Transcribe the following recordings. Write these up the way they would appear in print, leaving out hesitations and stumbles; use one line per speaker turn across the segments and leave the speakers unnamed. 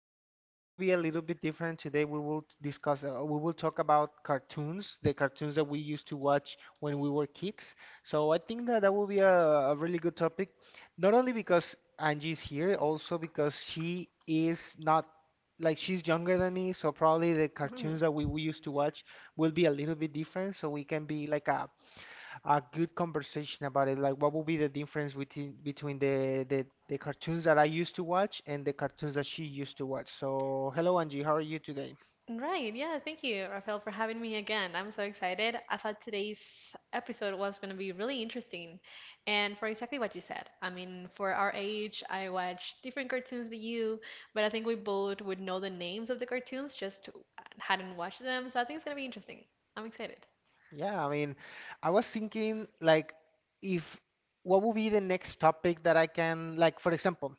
but today will be a little bit different. Today we will discuss. We will talk about cartoons, the cartoons that we used to watch when we were kids. So I think that will be a really good topic, not only because Angie's here, also because she is not, like, she's younger than me. So probably the
Mm,
cartoons that we used to watch will be a little bit different. So we can be like a good conversation about it. Like, what would be the difference between the cartoons that I used to watch and the cartoons that she used to watch? So, hello Angie, how are you today?
Right. Yeah. Thank you, Rafael, for having me again. I'm so excited. I thought today's episode was going to be really interesting. And for exactly what you said, I mean, for our age, I watch different cartoons than you, but I think we both would know the names of the cartoons, just hadn't watched them. So I think it's going to be interesting. I'm excited.
Yeah, I mean, I was thinking, like, if what would be the next topic that I can, like, for example,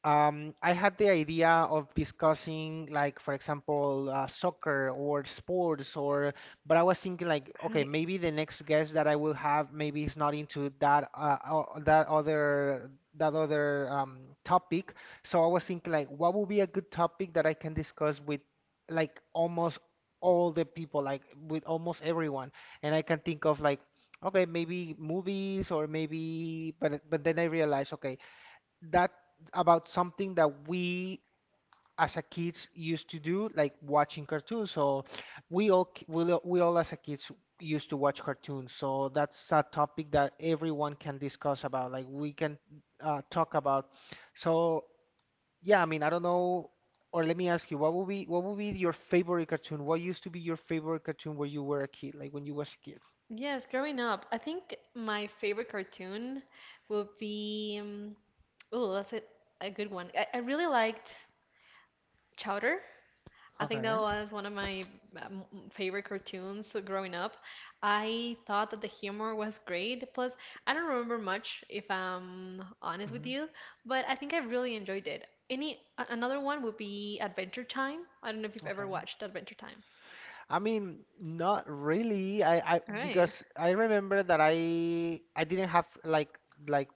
I had the idea of discussing, like, for example, soccer or sports, or but I was thinking, like, okay,
Right.
maybe the next guest that I will have maybe is not into that other topic. So I was thinking, like, what would be a good topic that I can discuss with, like, almost all the people, like, with almost everyone, and I can think of, like, okay, maybe movies or maybe, but then I realized, okay, that about something that we as a kids used to do, like watching cartoons. So we all k- we all as a kids used to watch cartoons. So that's a topic that everyone can discuss about. Like, we can talk about. So yeah, I mean, I don't know. Or let me ask you, what would be your favorite cartoon? What used to be your favorite cartoon when you were a kid, like when you was a kid?
Yes, growing up, I think my favorite cartoon would be. Oh, that's a good one. I really liked Chowder. I think that
Okay.
was one of my um, favorite cartoons growing up. I thought that the humor was great. Plus, I don't remember much, if I'm honest with
Hmm.
you, but I think I really enjoyed it. Any another one would be Adventure Time. I don't know if you've ever
Okay.
watched Adventure Time.
I mean, not really. I
All right,
Because I remember that I didn't have, like, like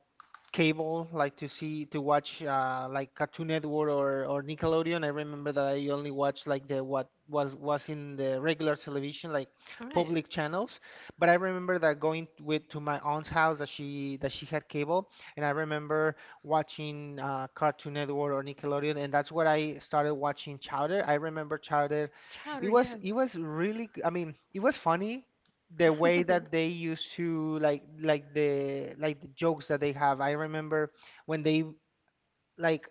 cable, like to watch like Cartoon Network, or Nickelodeon. I remember that I only watched, like, the what was in the regular television, like
all right.
public channels. But I remember that going with to my aunt's house that she had cable, and I remember watching Cartoon Network or Nickelodeon, and that's where I started watching Chowder. I remember Chowder.
Chowder,
It
yes.
was really g- I mean, it was funny the way that they used to, like, the, like the jokes that they have. I remember when they, like,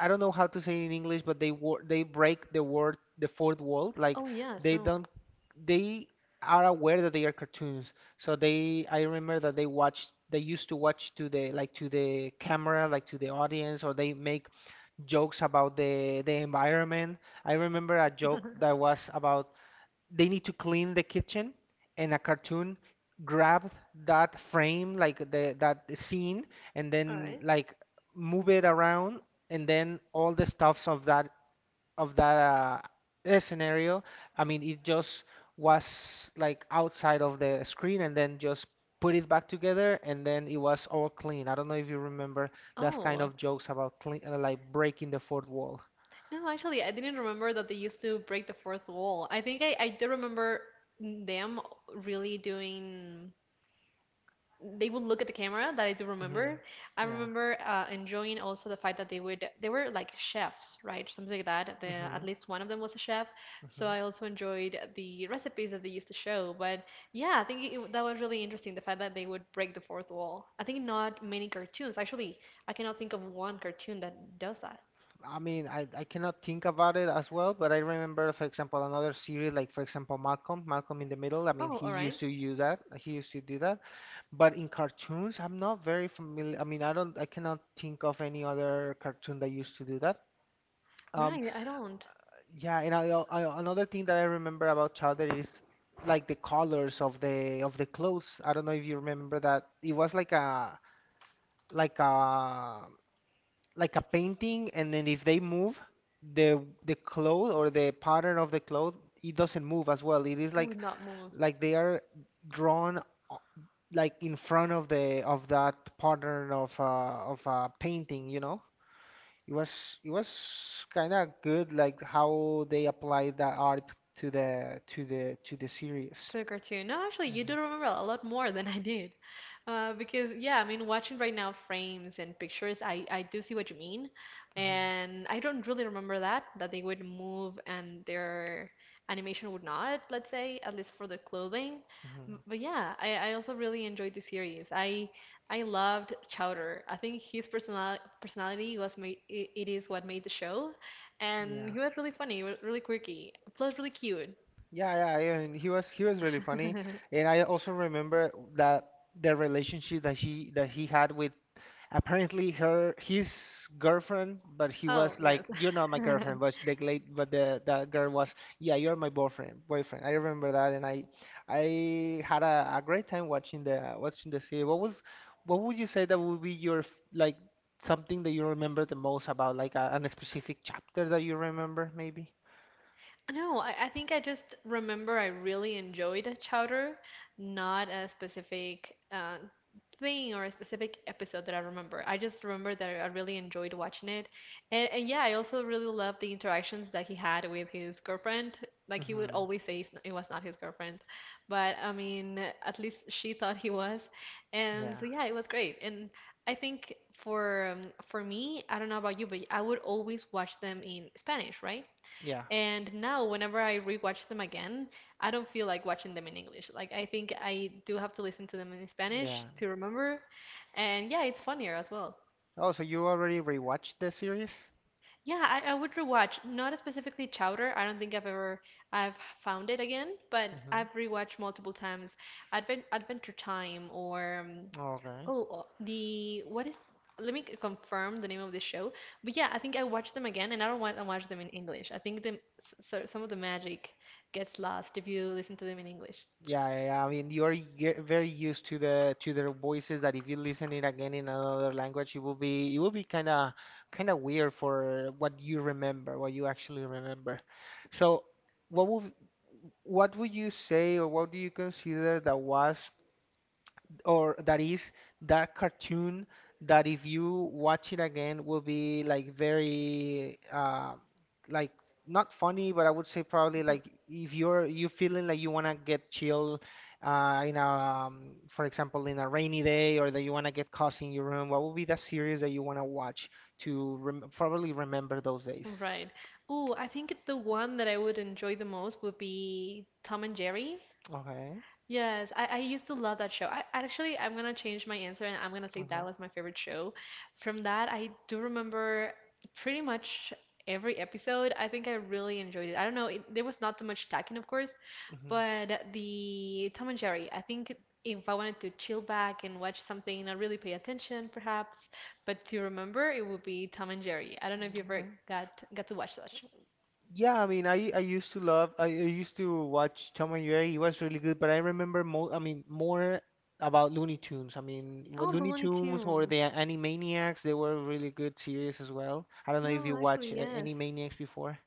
I don't know how to say it in English, but they break the fourth wall. Like,
Oh, yes,
they
no.
don't, they are aware that they are cartoons. So they, I remember that they used to watch to the, like, to the camera, like to the audience, or they make jokes about the environment. I remember a
All
joke that was about they need to clean the kitchen, and a cartoon grabbed that frame, like the that scene, and then,
right.
like, move it around, and then all the stuffs of that scenario. I mean, it just was, like, outside of the screen, and then just put it back together, and then it was all clean. I don't know if you remember that kind
Oh,
of jokes about clean, like, breaking the fourth wall.
no, actually, I didn't remember that they used to break the fourth wall. I think I do remember them really doing, they would look at the camera. That I do remember.
Hmm.
I
Yeah.
remember enjoying also the fact that they were like chefs, right? Something like that. At
Hmm.
least one of them was a chef. So
Hmm.
I also enjoyed the recipes that they used to show. But yeah, I think that was really interesting, the fact that they would break the fourth wall. I think not many cartoons. Actually, I cannot think of one cartoon that does that.
I mean, I cannot think about it as well, but I remember, for example, another series like, for example, Malcolm in the Middle. I mean,
Oh,
he
all right.
used to use that. He used to do that. But in cartoons, I'm not very familiar. I mean, I don't, I cannot think of any other cartoon that used to do that. Um,
Right, I don't.
yeah, and I another thing that I remember about Chowder is, like, the colors of the clothes. I don't know if you remember that. It was like like a a painting, and then if they move, the cloth or the pattern of the cloth, it doesn't move as well. It is,
Would
like,
not move.
they are drawn o- like, in front of the of that pattern of a painting, you know? It was, kind of good, like how they applied that art to the series.
To the cartoon. No, actually, you
Hmm.
do remember a lot more than I did. Because, yeah, I mean, watching right now frames and pictures, I do see what you mean.
Hmm.
And I don't really remember that they would move and their animation would not, let's say, at least for the clothing.
Hmm.
But yeah, I also really enjoyed the series. I loved Chowder. I think his personality was it is what made the show. And
Yeah.
he was really funny, really quirky, plus really cute.
Yeah, yeah, and he was really funny, and I also remember that the relationship that he had with apparently her his girlfriend, but he
Oh,
was
yes.
like, "You're not my girlfriend," but the late but the that girl was, "Yeah, you're my boyfriend." Boyfriend. I remember that, and I had a great time watching the series. What would you say that would be your like, something that you remember the most about, like, a specific chapter that you remember maybe?
No, I think I just remember I really enjoyed a chowder, not a specific thing or a specific episode that I remember. I just remember that I really enjoyed watching it. And yeah, I also really loved the interactions that he had with his girlfriend. Like he would
Hmm.
always say it was not his girlfriend, but I mean, at least she thought he was. And
Yeah.
so yeah, it was great. And I think for me, I don't know about you, but I would always watch them in Spanish, right?
Yeah.
And now, whenever I rewatch them again, I don't feel like watching them in English. Like, I think I do have to listen to them in Spanish
Yeah.
to remember. And yeah, it's funnier as well.
Oh, so you already rewatched the series?
Yeah, I would rewatch, not specifically Chowder. I don't think I've ever I've found it again, but
Mm-hmm.
I've rewatched multiple times Adventure Time or
Okay.
oh the what is let me confirm the name of the show. But yeah, I think I watched them again and I don't want to watch them in English. I think the s- so some of the magic gets lost if you listen to them in English.
Yeah, yeah, yeah. I mean, you're very used to the to their voices, that if you listen it again in another language, it will be kind of weird for what you remember, what you actually remember. So, what would what would you say, or what do you consider that was or that is that cartoon that if you watch it again will be, like, very, like, not funny, but I would say probably,
Mhm,
like, if you feeling like you wanna get chill in a, for example, in a rainy day or that you wanna get cozy in your room, what would be the series that you wanna watch to rem probably remember those days?
Right. Oh, I think the one that I would enjoy the most would be Tom and Jerry.
Okay,
Yes, I used to love that show. I actually I'm gonna change my answer and I'm gonna say that
okay,
was my favorite show. From that, I do remember pretty much every episode. I think I really enjoyed it. I don't know, there was not too much talking, of course,
hmm,
but the Tom and Jerry, I think if I wanted to chill back and watch something, not really pay attention perhaps, but to remember, it would be Tom and Jerry. I don't know if you ever
okay.
got got to watch that show.
Yeah, I mean, I used to watch Tom and Jerry. It was really good, but I remember more, I mean, more about Looney Tunes. I mean, well,
Oh, the
Looney
Looney
Tunes or the
Tunes.
Animaniacs, they were really good series as well. I don't know if
No,
you watch
actually, yes.
Animaniacs before.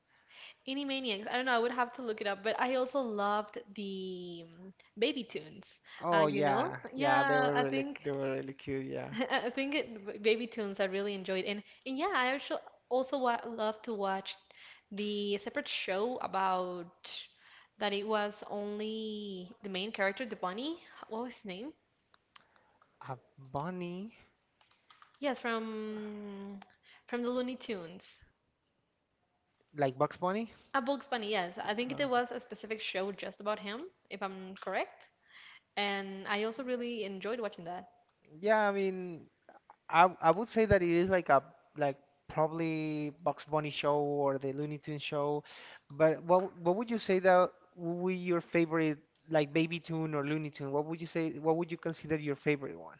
Animaniacs. I don't know. I would have to look it up, but I also loved the Baby Toons.
Oh
You know?
yeah, yeah, they
Yeah,
were
I
really
think
they were really cute, yeah.
I think Baby Toons I really enjoyed, and yeah, I actually also wa love to watch the separate show about that it was only the main character, the bunny. What was his name?
A bunny,
Yes, from the Looney Tunes.
like Bugs Bunny?
A Bugs Bunny. Yes, I think
Uh,
there was a specific show just about him, if I'm correct. And I also really enjoyed watching that.
yeah, I mean, I would say that it is, like, a, like probably Bugs Bunny show or the Looney Tunes show, but what would you say that would be your favorite, like, Baby Toon or Looney Tune? What would you say? What would you consider your favorite one?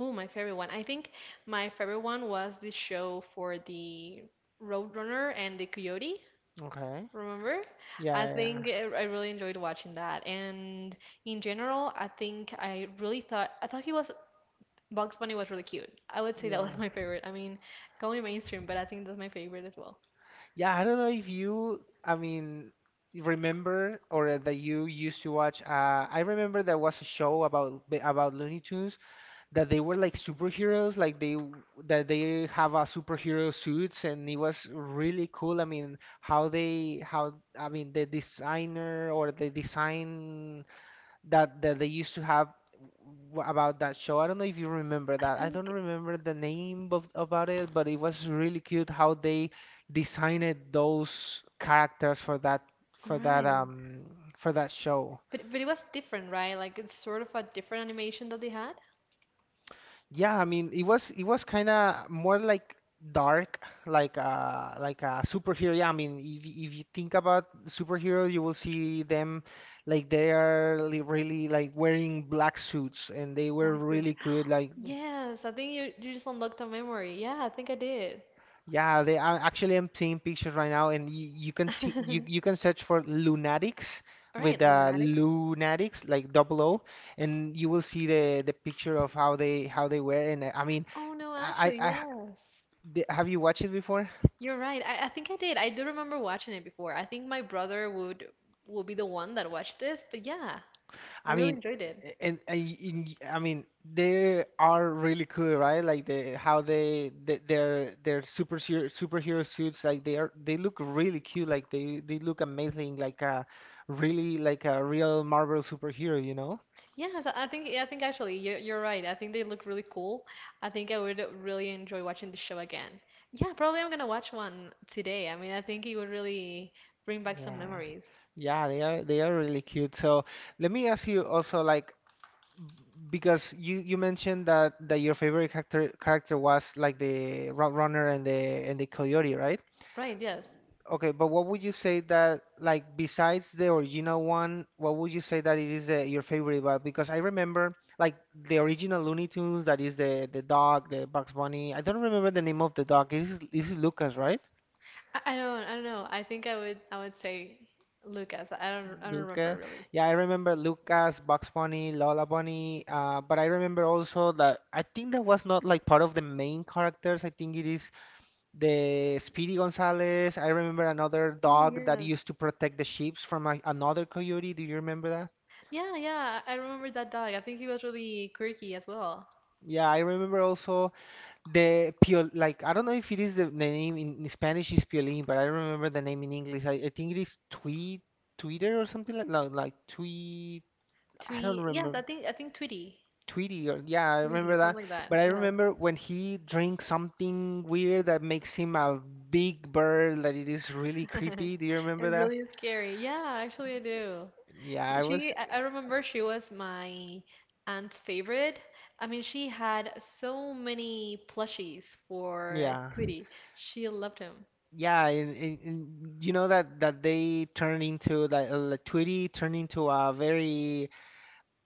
Oh, my favorite one. I think my favorite one was the show for the Roadrunner and the Coyote.
Okay.
Remember?
Yeah,
I
yeah, yeah.
think I really enjoyed watching that. And in general, I think I thought he was Bugs Bunny was really cute. I would say that was
Yeah,
my favorite. I mean, call me mainstream, but I think that's my favorite as well.
yeah, I don't know if you, I mean, remember or that you used to watch. I remember there was a show about Looney Tunes that they were, like, superheroes, like, that they have a superhero suits, and it was really cool. I mean, how I mean, the designer or the design that they used to have about that show. I don't know if you remember
I
that. I don't
think
remember the name of about it, but it was really cute how they designed those characters
all
for that
right.
um for that show.
But it was different, right? Like it's sort of a different animation that they had.
Yeah, I mean, it was kind of more, like, dark, like, like a superhero. Yeah, I mean, if you think about superhero, you will see them, like, they are, really, like, wearing black suits, and they were
Black suit.
really good. Like,
Yes, I think you, you just unlocked a memory. Yeah, I think I did.
yeah, they, I actually am seeing pictures right now, and you, you can t you you can search for lunatics
All
with
right, Lunatics.
lunatics like double O, and you will see the picture of how they were. And I mean,
Oh no,
I
actually,
I, I h-
yes.
have you watched it before?
You're right. I think I did. I do remember watching it before. I think my brother would will be the one that watched this, but yeah, I
I
really
mean,
enjoyed it.
I mean, they are really cool, right? Like, the how they, the their super superhero suits, like, they look really cute. Like, they look amazing, like a, really, like a real Marvel superhero, you know?
Yes, I think actually you're right. I think they look really cool. I think I would really enjoy watching the show again. Yeah, probably I'm gonna watch one today. I mean, I think it would really bring back some
Yeah,
memories.
yeah, they are really cute. So let me ask you also, like, b- because you mentioned that your favorite character was, like, the Roadrunner and the Coyote, right?
Right, yes.
Okay, but what would you say that, like, besides the original one, what would you say that it is your favorite? But because I remember, like, the original Looney Tunes, that is the dog, the Bugs Bunny. I don't remember the name of the dog. This is Lucas, right?
I don't know. I would say Lucas. I don't remember
Lucas.
really.
Yeah, I remember Lucas, Bugs Bunny, Lola Bunny. But I remember also that I think that was not, like, part of the main characters. I think it is the Speedy Gonzales. I remember another
Oh,
dog that used to
yes.
protect the sheep from another coyote. Do you remember that?
Yeah, yeah, I remember that dog. I think he was really quirky as well.
Yeah, I remember also the piol like I don't know if it is the name in Spanish is piolín, but I don't remember the name in English. I think it is tweet Twitter or something like tweet. I don't
Yes,
remember.
I think Tweety,
Tweety or yeah, I
Tweety,
remember
something
that.
like that.
But I
Yes,
remember when he drinks something weird that makes him a big bird that it is really creepy. Do you remember
and
that?
really scary. Yeah, actually, I do.
Yeah, I
S- She,
was
I remember she was my aunt's favorite. I mean, she had so many plushies for
yeah.
Tweety. She loved him.
Yeah, and you know that they turn into that like Tweety turned into a very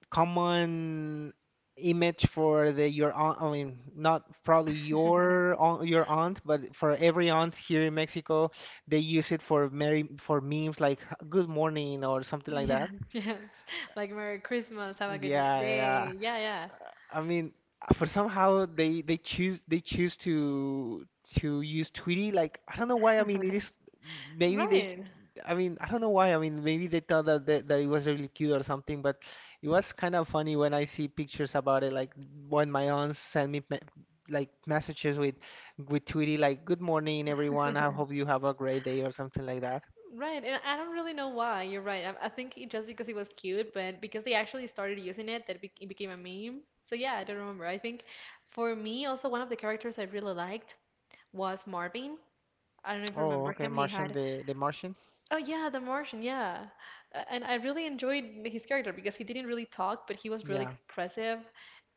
common image for the your aunt. I mean, not probably your aunt, your aunt but for every aunt here in Mexico. They use it for memes like good morning or something like that.
Yes, yes. Like Merry Christmas, have a good
Yeah, yeah.
day. Yeah, yeah.
I mean, for somehow they choose to use Tweety. Like I don't know why. I mean, it is maybe they.
Right,
I mean, I don't know why. I mean, maybe they thought that it was really cute or something. But it was kind of funny when I see pictures about it. Like when my aunts send me like messages with Tweety, like "Good morning, everyone. I hope you have a great day" or something like that.
right. And I don't really know why. You're right. I think it just because it was cute, but because they actually started using it, it became a meme. So yeah, I don't remember. I think for me, also one of the characters I really liked was Marvin. I don't know if you
Oh,
remember
okay,
him. He
Martian,
had
the Martian.
oh yeah, the Martian. Yeah, And I really enjoyed his character because he didn't really talk, but he was really
Yeah.
expressive,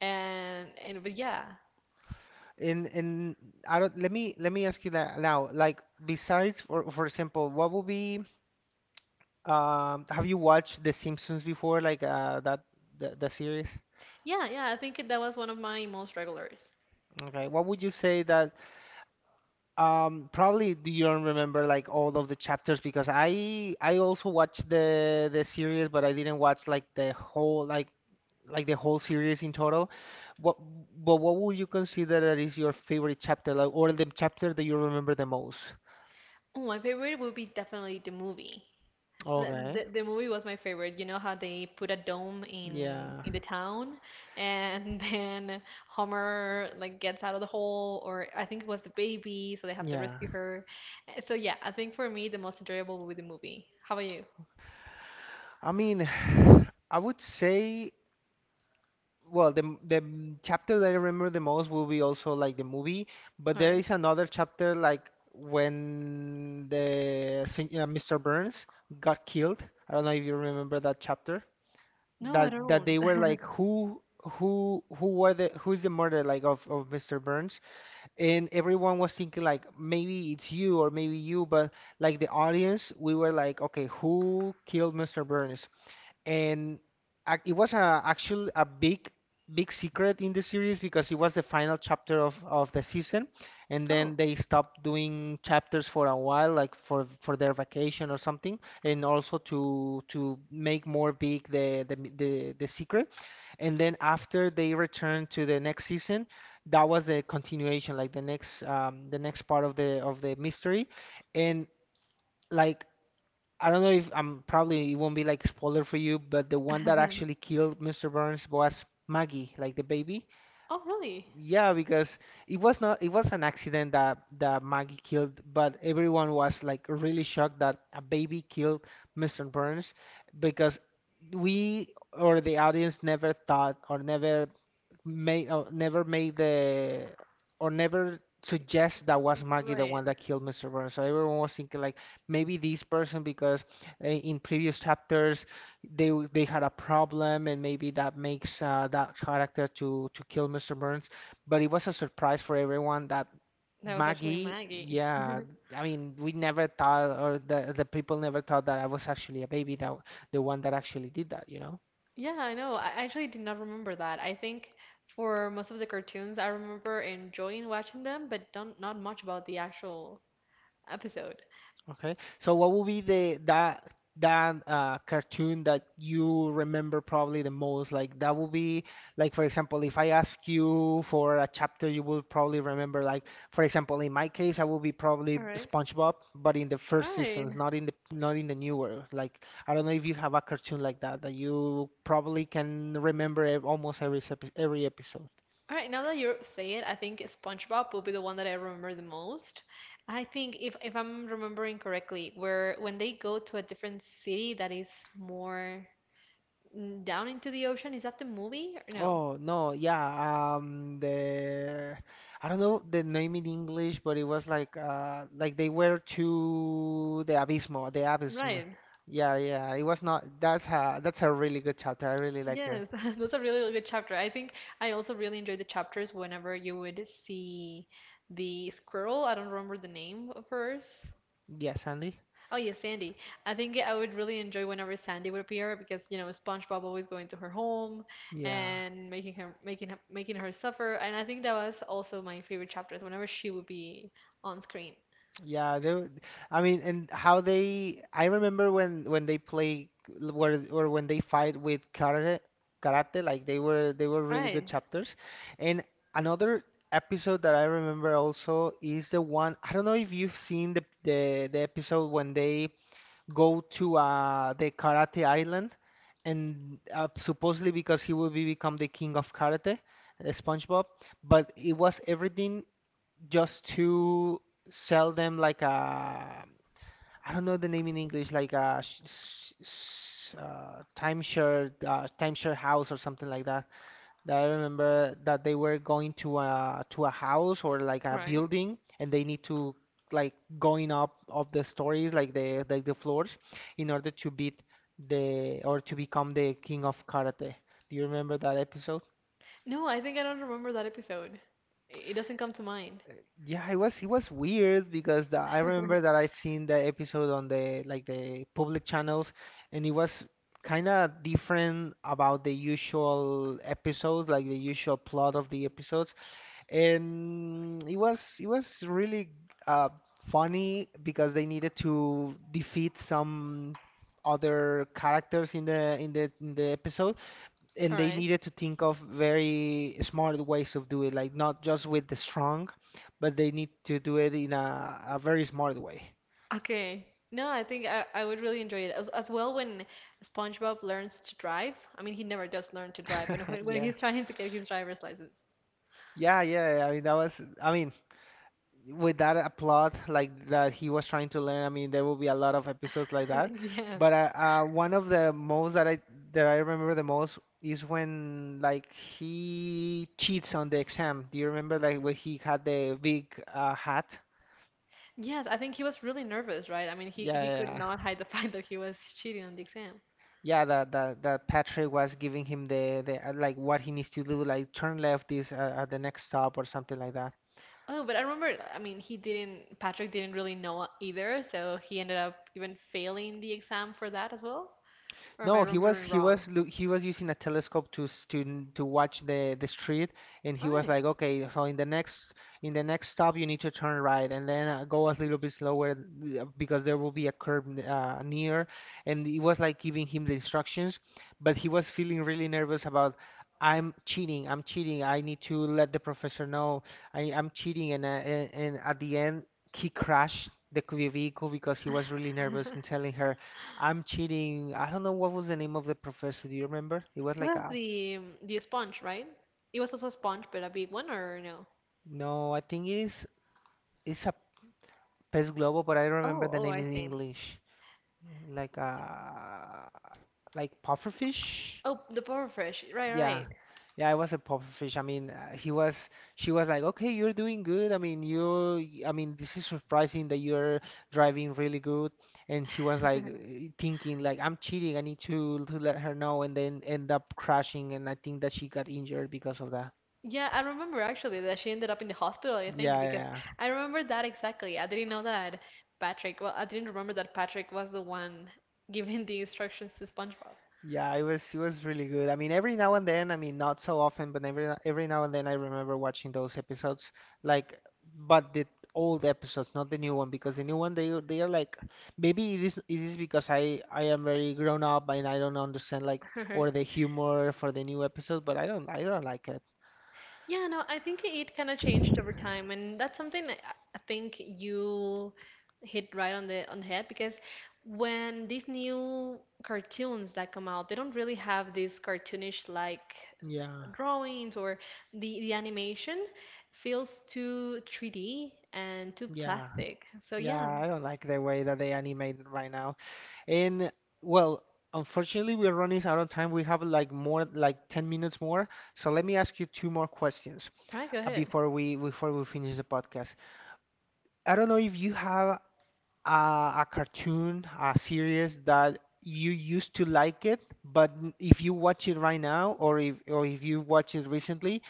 and and but yeah,
in I don't let me ask you that now. Like besides for example, what would be have you watched The Simpsons before like that, the series?
Yeah, yeah, I think that was one of my most regulars.
Okay. What would you say that probably do you don't remember like all of the chapters because I also watched the series but I didn't watch like the whole like the whole series in total. What but what would you consider that is your favorite chapter, like, or the chapter that you remember the most?
Oh, my favorite would be definitely the movie. The,
Okay.
the, the movie was my favorite. You know how they put a dome
Yeah.
in the town, and then Homer like gets out of the hole, or I think it was the baby, so they have to
Yeah.
rescue her. So yeah, I think for me the most enjoyable would be the movie. How about you?
I mean, I would say, well, chapter that I remember the most will be also like the movie, but
All
there
right.
is another chapter like when Mr. Burns got killed. I don't know if you remember that chapter.
No, I
That
don't.
they were like who's the murderer like of Mr. Burns, and everyone was thinking like maybe it's you or maybe you, but like the audience, we were like, okay, who killed Mr. Burns? And it was a actually a big secret in the series because it was the final chapter of the season, and
Oh.
then they stopped doing chapters for a while, like for their vacation or something, and also to make more big the secret. And then after they returned to the next season, that was the continuation, like the next part of the mystery. And like I don't know if I'm probably it won't be like spoiler for you, but the one that actually killed Mr. Burns was Maggie, like the baby.
Oh, really?
Yeah, because it was not, it was an accident that Maggie killed, but everyone was like really shocked that a baby killed Mr. Burns because we or the audience never thought or never made the or never suggest that was Maggie the
Right.
one that killed Mr. Burns. So everyone was thinking like maybe this person because in previous chapters they had a problem and maybe that makes that character to kill Mr. Burns. But it was a surprise for everyone that
That was actually
Maggie,
Maggie.
yeah, I mean we never thought or the people never thought that I was actually a baby the one that actually did that, you know?
Yeah, I know. I actually did not remember that. I think for most of the cartoons, I remember enjoying watching them, but don't not much about the actual episode.
Okay. So what would be the that that cartoon that you remember probably the most? Like that would be, like for example, if I ask you for a chapter, you will probably remember like for example, in my case, I will be probably
All right.
SpongeBob, but in the first
All
seasons,
right.
not in the newer. Like I don't know if you have a cartoon like that that you probably can remember almost every episode.
All right, now that you say it, I think SpongeBob will be the one that I remember the most. I think if I'm remembering correctly, where when they go to a different city that is more, down into the ocean, is that the movie or no?
Oh no, yeah. The I don't know the name in English, but it was like they were to the abismo, the abysm.
Right.
Yeah, yeah. It was not. That's a really good chapter. I really like it.
Yes, that's a really good chapter. I think I also really enjoyed the chapters whenever you would see the squirrel. I don't remember the name of hers.
Yes, Andy.
Oh yeah, Sandy. I think I would really enjoy whenever Sandy would appear because you know SpongeBob always going to her home
Yeah.
and making her suffer. And I think that was also my favorite chapters whenever she would be on screen.
Yeah, they. I mean, and how they. I remember when they play where or when they fight with karate. Like they were
All
really good
right,
chapters. And another episode that I remember also is the one. I don't know if you've seen the, the episode when they go to the karate island, and supposedly because he will be become the king of karate, SpongeBob. But it was everything just to sell them like a, I don't know the name in English, like a timeshare house or something like that. That I remember that they were going to a house or like
all
a
right.
building, and they need to like going up of the stories, like the floors, in order to beat the or to become the king of karate. Do you remember that episode?
No, I think I don't remember that episode. It doesn't come to mind.
Yeah, it was weird because I remember that I've seen the episode on the public channels, and it was kind of different about the usual episodes, like the usual plot of the episodes, and it was really uh, funny because they needed to defeat some other characters in the episode, and
All
they
right.
needed to think of very smart ways of do it, like not just with the strong, but they need to do it in a very smart way.
Okay. No, I think I would really enjoy it as well when SpongeBob learns to drive. I mean, he never does learn to drive, but when
Yeah.
he's trying to get his driver's license.
Yeah, yeah. I mean, that was, I mean, with that plot like that he was trying to learn, I mean, there will be a lot of episodes like that.
Yeah.
But one of the most that I remember the most is when like he cheats on the exam. Do you remember like when he had the big hat?
Yes, I think he was really nervous, right? I mean,
Yeah,
he could
yeah.
not hide the fact that he was cheating on the exam.
Yeah, that Patrick was giving him the like what he needs to do, like turn left this at the next stop or something like that.
Oh, but I remember, I mean, he didn't, Patrick didn't really know either, so he ended up even failing the exam for that as well. Or am I
No, he was
remembering
he was
wrong?
loo- he was using a telescope to s- to n- to watch the street, and he
All
was
right.
like, okay, so in the next stop you need to turn right, and then go a little bit slower because there will be a curb near, and it was like giving him the instructions, but he was feeling really nervous about. I'm cheating. I'm cheating. I need to let the professor know I'm cheating. And at the end, he crashed the vehicle because he was really nervous in telling her, I'm cheating. I don't know what was the name of the professor. Do you remember? It was
It
like
was
a.
the sponge, right? It was also a sponge, but a big one, or no?
No. I think it is. It's a pez globo, but I don't remember
Oh,
the
oh,
name
I
in
see.
English. Like a, like pufferfish.
Oh, the Power Fresh. Right,
Yeah,
right.
yeah. It was a pufferfish. I mean, he was. She was like, okay, you're doing good. I mean, you. I mean, this is surprising that you're driving really good. And he was like thinking like, I'm cheating. I need to let her know, and then end up crashing. And I think that she got injured because of that.
Yeah, I remember actually that she ended up in the hospital, I think,
Yeah, yeah,
because
yeah.
I remember that exactly. I didn't know that Patrick, well, I didn't remember that Patrick was the one giving the instructions to SpongeBob.
Yeah, it was really good. I mean, every now and then, I mean, not so often, but every no- every now and then, I remember watching those episodes, like, but the old episodes, not the new one, because the new one they are like, maybe it is because I am very grown up and I don't understand like or the humor for the new episode, but I don't like it.
Yeah, no, I think it kind of changed over time, and that's something that I think you hit right on the head because when these new cartoons that come out, they don't really have these cartoonish like
Yeah,
drawings or the animation feels too 3D and too
yeah,
plastic. So
yeah.
yeah, all
I don't like the way that they animate it right now. And well, unfortunately, we're running out of time. We have like 10 minutes more. So let me ask you two more questions
right, go ahead.
before we finish the podcast. I don't know if you have a cartoon, a series that you used to like it, but if you watch it right now, or if you watch it recently,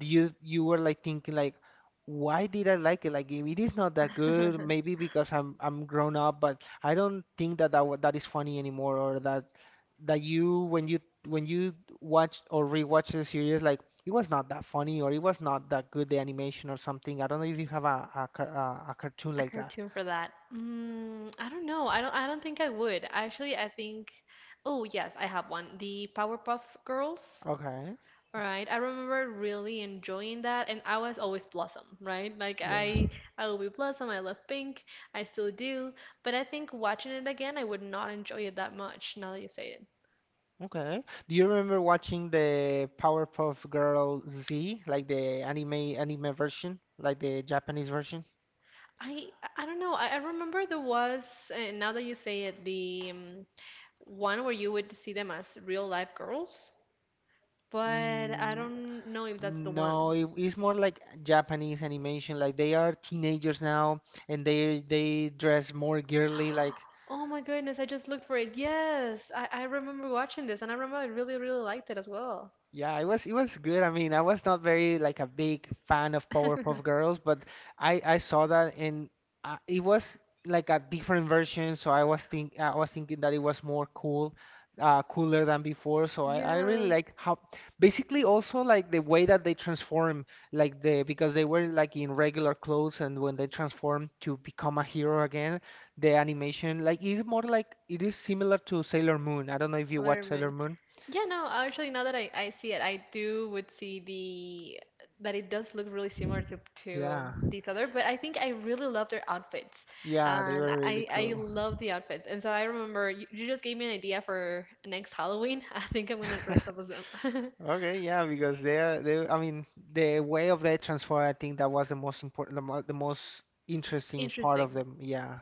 you were like thinking like, why did I like it? Like if it is not that good. Maybe because I'm grown up, but I don't think that that is funny anymore, or that you when you watch or rewatch the series. It was not that funny, or it was not that good, the animation or something. I don't know if you have a cartoon
A
like that.
cartoon for that. I don't know. I don't think I would. Actually, I think oh yes, I have one. The Powerpuff Girls.
Okay.
All right. I remember really enjoying that and I was always Blossom, right? Like
Yeah.
I I will be Blossom. I love pink. I still do, but I think watching it again, I would not enjoy it that much now that you say it.
Okay. Do you remember watching the Powerpuff Girl Z, like the anime version, like the Japanese version?
I I don't know. I remember there was now that you say it the one where you would see them as real life girls. But I
Mm,
don't know if that's the
no,
one.
it's more like Japanese animation. Like they are teenagers now, and they dress more girly. Like
Oh my goodness, I just looked for it. Yes, I remember watching this and I remember I really, really liked it as well.
yeah, it was good. I mean, I was not very like a big fan of Powerpuff Girls, but I saw that and it was like a different version, so I was thinking that it was more cool, cooler than before. So I really
Yes,
like how basically also like the way that they transform, like the because they were like in regular clothes and when they transform to become a hero again, the animation like is more like it is similar to Sailor Moon. I don't know if you watch Sailor
Colorman.
Moon.
Yeah, no, actually now that I see it, I do would see the that it does look really similar to
Yeah.
these other, but I think I really love their outfits.
Yeah, they
And
were really
I
cool.
love the outfits. And so I remember you, you just gave me an idea for next Halloween. I think I'm gonna dress up as them.
Okay, yeah, because they're they. I mean, the way of their transfer. I think that was the most important, the most interesting part of
Interesting.
them. Yeah.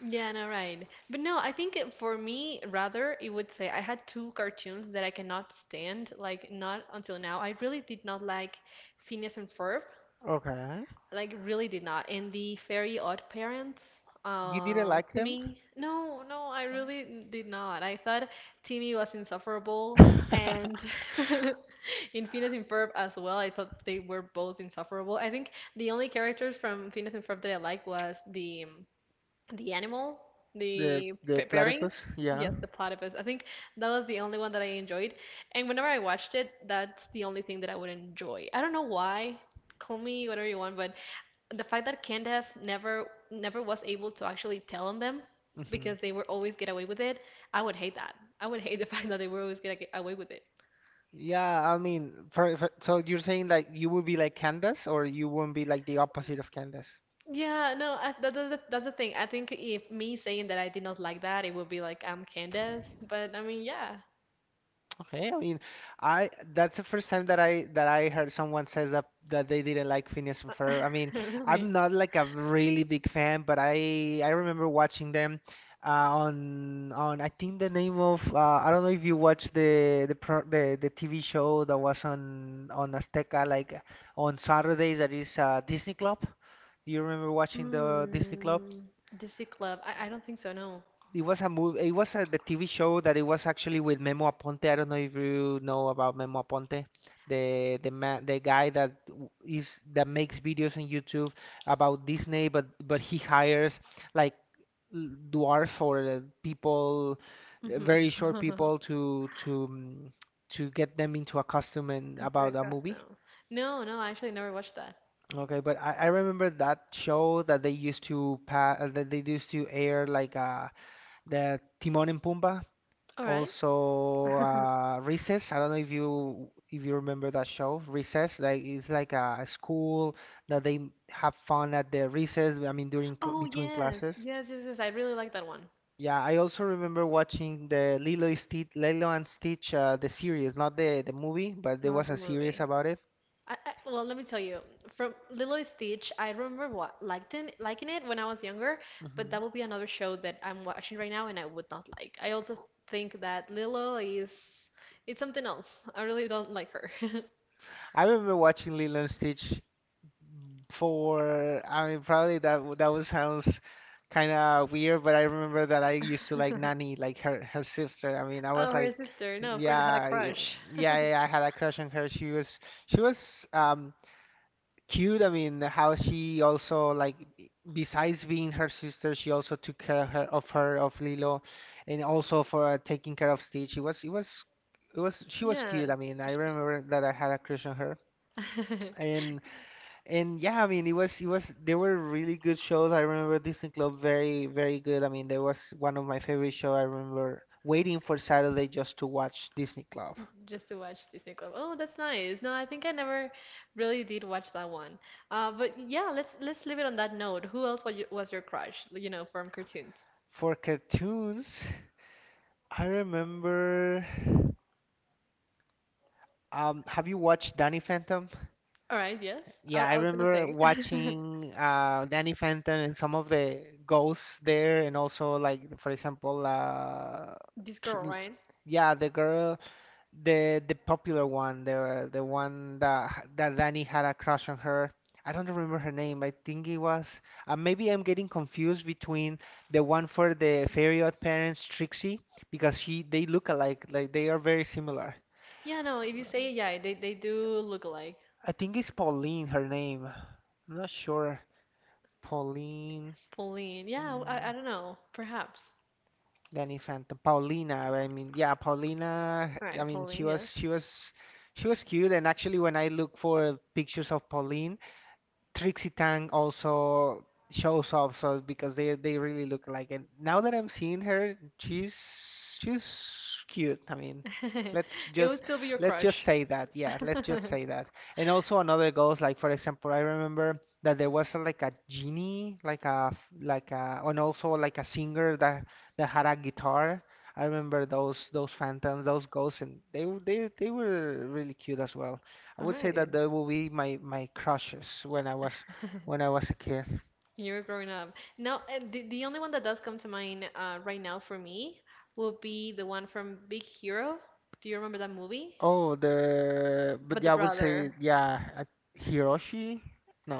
Yeah, no, right. But no, I think it- for me, rather, it would say I had two cartoons that I cannot stand, like not until now. I really did not like Phineas and Ferb,
Okay.
like really did not. And the Fairy Odd Parents,
You didn't like them?
Timmy. No, no, I really n- did not. I thought Timmy was insufferable, and in Phineas and Ferb as well, I thought they were both insufferable. I think the only characters from Phineas and Ferb that I liked was the the animal,
The
the
the
p- pairing.
platypus. Yeah.
Yes, the platypus. I think that was the only one that I enjoyed. And whenever I watched it, that's the only thing that I would enjoy. I don't know why. Call me whatever you want, but the fact that Candace never was able to actually tell on them
Hmm.
because they would always get away with it, I would hate that. I would hate the fact that they would always get like, away with it.
Yeah. I mean, so you're saying like you would be like Candace, or you wouldn't be like the opposite of Candace?
Yeah, no, I, that, that's the thing. I think if me saying that I did not like that, it would be like I'm Candace. But I mean, yeah,
Okay, I mean, I that's the first time that I heard someone says that that they didn't like Phineas and Ferb. I mean, I'm
really.
not like a really big fan, but I remember watching them on I think the name of I don't know if you watch the the TV show that was on Azteca like on Saturdays that is Disney Club. You remember watching the Disney Club?
Mm, Disney Club. I don't think so, no.
It was a movie. It was a, the TV show that it was actually with Memo Aponte. I don't know if you know about Memo Aponte, the the guy that is that makes videos on YouTube about Disney, but he hires like dwarfs or people,
hmm
very short people to to get them into a costume and
It's a
about a movie.
custom. No, no, I actually never watched that.
Okay, but I remember that show that they used to pa that they used to air like the Timon and Pumbaa.
All right.
Also, Recess. I don't know if you remember that show, Recess. Like it's like a school that they have fun at the recess. I mean, during cl
Oh,
between
yes.
classes.
Yes, yes, yes. I really like that one.
Yeah, I also remember watching the Lilo and Stitch, the series, not the movie, but there
Not
was
the
a series
movie.
about it.
Well, let me tell you. From Lilo and Stitch, I remember what liking it when I was younger, but that
Hmm.
would be another show that I'm watching right now and I would not like. I also think that Lilo is it's something else. I really don't like her.
I remember watching Lilo and Stitch for I mean probably that would sounds kind of weird, but I remember that I used to like Nani, like her sister. I mean, I was
Oh, her
like,
sister. No, of course, I had a
yeah,
crush.
yeah, I had a crush on her. She was she was cute. I mean, how she also like besides being her sister, she also took care of her of Lilo, and also for taking care of Stitch. It was she was cute. I
Yes.
mean, I remember that I had a crush on her. And yeah, I mean, it was they were really good shows. I remember Disney Club very very good. I mean, there was one of my favorite show. I remember waiting for Saturday just to watch Disney Club.
Just to watch Disney Club. Oh, that's nice. No, I think I never really did watch that one. But yeah, let's leave it on that note. Who else was, you, was your crush, you know, from cartoons?
For cartoons, I remember. Have you watched Danny Phantom?
All right, yes.
Yeah, I
I was gonna
remember
say
watching Danny Phantom and some of the ghosts there, and also like for example,
this
tr
girl, right?
yeah, the girl. The popular one, the one that Danny had a crush on her. I don't remember her name. I think it was. Maybe I'm getting confused between the one for the Fairy Odd Parents, Trixie, because she they look alike. Like they are very similar.
Yeah, no, if you say yeah, they do look alike.
I think it's Pauline, her name. I'm not sure. Pauline,
Pauline. Yeah, I
mm,
don't know. Perhaps.
Danny Phantom, Paulina. I mean, yeah, Paulina.
All
I
right,
mean,
Pauline, yes.
she was cute. And actually, when I look for pictures of Pauline. Trixie Tang also shows up so because they really look alike. And now that I'm seeing her, she's cute. I mean, let's
It would
just
still be your
let's just
crush.
say that. Yeah, let's just say that. And also another goes like for example, I remember that there was like a genie, like a and also like a singer that had a guitar. I remember those phantoms, those ghosts, and they were really cute as well. I
All
would say
right.
that there will be my crushes when I was a kid.
You're growing up. Now, the only one that does come to mind right now for me will be the one from Big Hero. Do you remember that movie?
Oh, the but
But the
yeah, I would say
brother.
yeah, I, Hiroshi.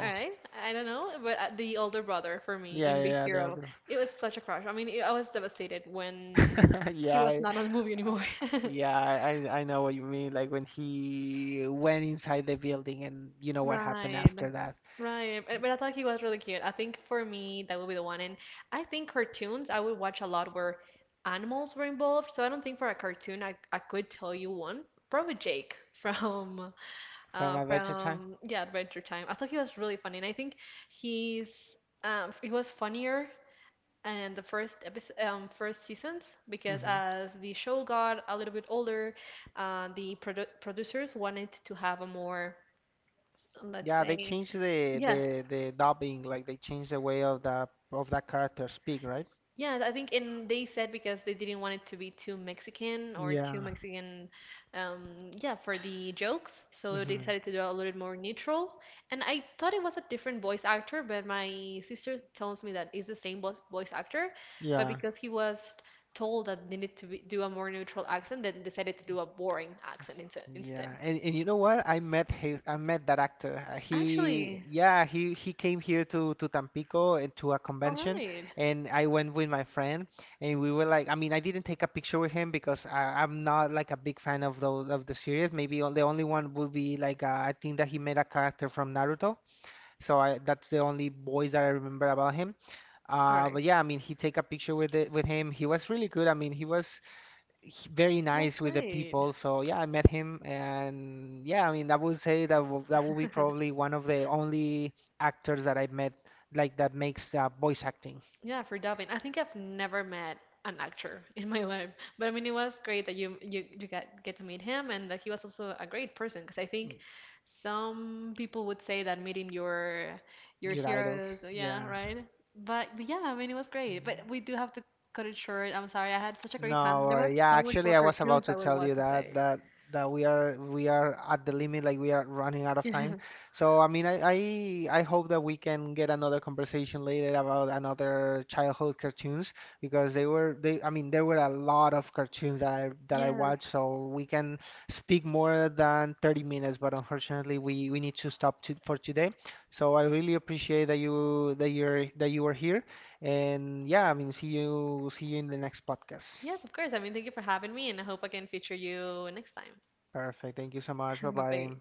All right. I don't know, but the older brother for me
yeah,
in Big
the
Hero,
other.
it was such a crush. I mean, I was devastated when he
Yeah,
was not on the movie anymore.
uh, yeah, I know what you mean. Like when he went inside the building, and you know what happened
Right.
after that
Right. But I thought he was really cute. I think for me, that would be the one. And I think cartoons, I would watch a lot where animals were involved. So I don't think for a cartoon, I could tell you one. Probably Jake from
from Adventure Time.
yeah Adventure Time. I thought he was really funny, and I think he's he was funnier in the first episode, first seasons because
Hmm.
as the show got a little bit older, the producers wanted to have a more let's
Yeah, they
say
changed the
Yes.
the dubbing. Like they changed the way of the of that character speak, right?
Yeah, I think and they said because they didn't want it to be too Mexican or too
Yeah.
Mexican, yeah, for the jokes. So they
Hmm.
decided to do a little bit more neutral. And I thought it was a different voice actor, but my sister tells me that it's the same voice actor, but
Yeah.
because he was told that they needed to be, do a more neutral accent, then decided to do a boring accent inse-
Yeah,
instead.
and you know what? I met that actor. He,
Actually,
yeah, he came here to Tampico and to a
all
convention,
right,
and I went with my friend, and we were like, I mean, I didn't take a picture with him because I'm not like a big fan of those of the series. Maybe the only one would be like I think that he made a character from Naruto, so that's the only boys that I remember about him.
all right,
But yeah, I mean, he take a picture with it with him. He was really good. I mean, very
that's
nice with the
great.
people. So yeah, I met him, and yeah, I mean, I would say that that will be probably one of the only actors that I met like that makes voice acting.
Yeah, for dubbing. I think I've never met an actor in my life, but I mean, it was great that you got get to meet him and that he was also a great person. Because I think
Mm,
some people would say that meeting your
your idols.
heroes, yeah,
Yeah.
right. But yeah, I mean, it was great. But
Mhm.
we do have to cut it short. I'm sorry. I had such a great
No,
time. There
or
was
yeah,
so much more
actually, I was about
cartoons I
to
would
tell you
want to
that
say.
that that we are at the limit, like we are running out of time.
Yes,
So I mean, I hope that we can get another conversation later about another childhood cartoons because they were they I mean there were a lot of cartoons that I
yes,
watched, so we can speak more than 30 minutes, but unfortunately we need to for today. So I really appreciate that you that you're that you were here and yeah, I mean, see you in the next podcast.
yes. Of course. I mean, thank you for having me, and I hope I can feature you next time.
Perfect. Thank you so much. Bye
Bye
bye.
bye.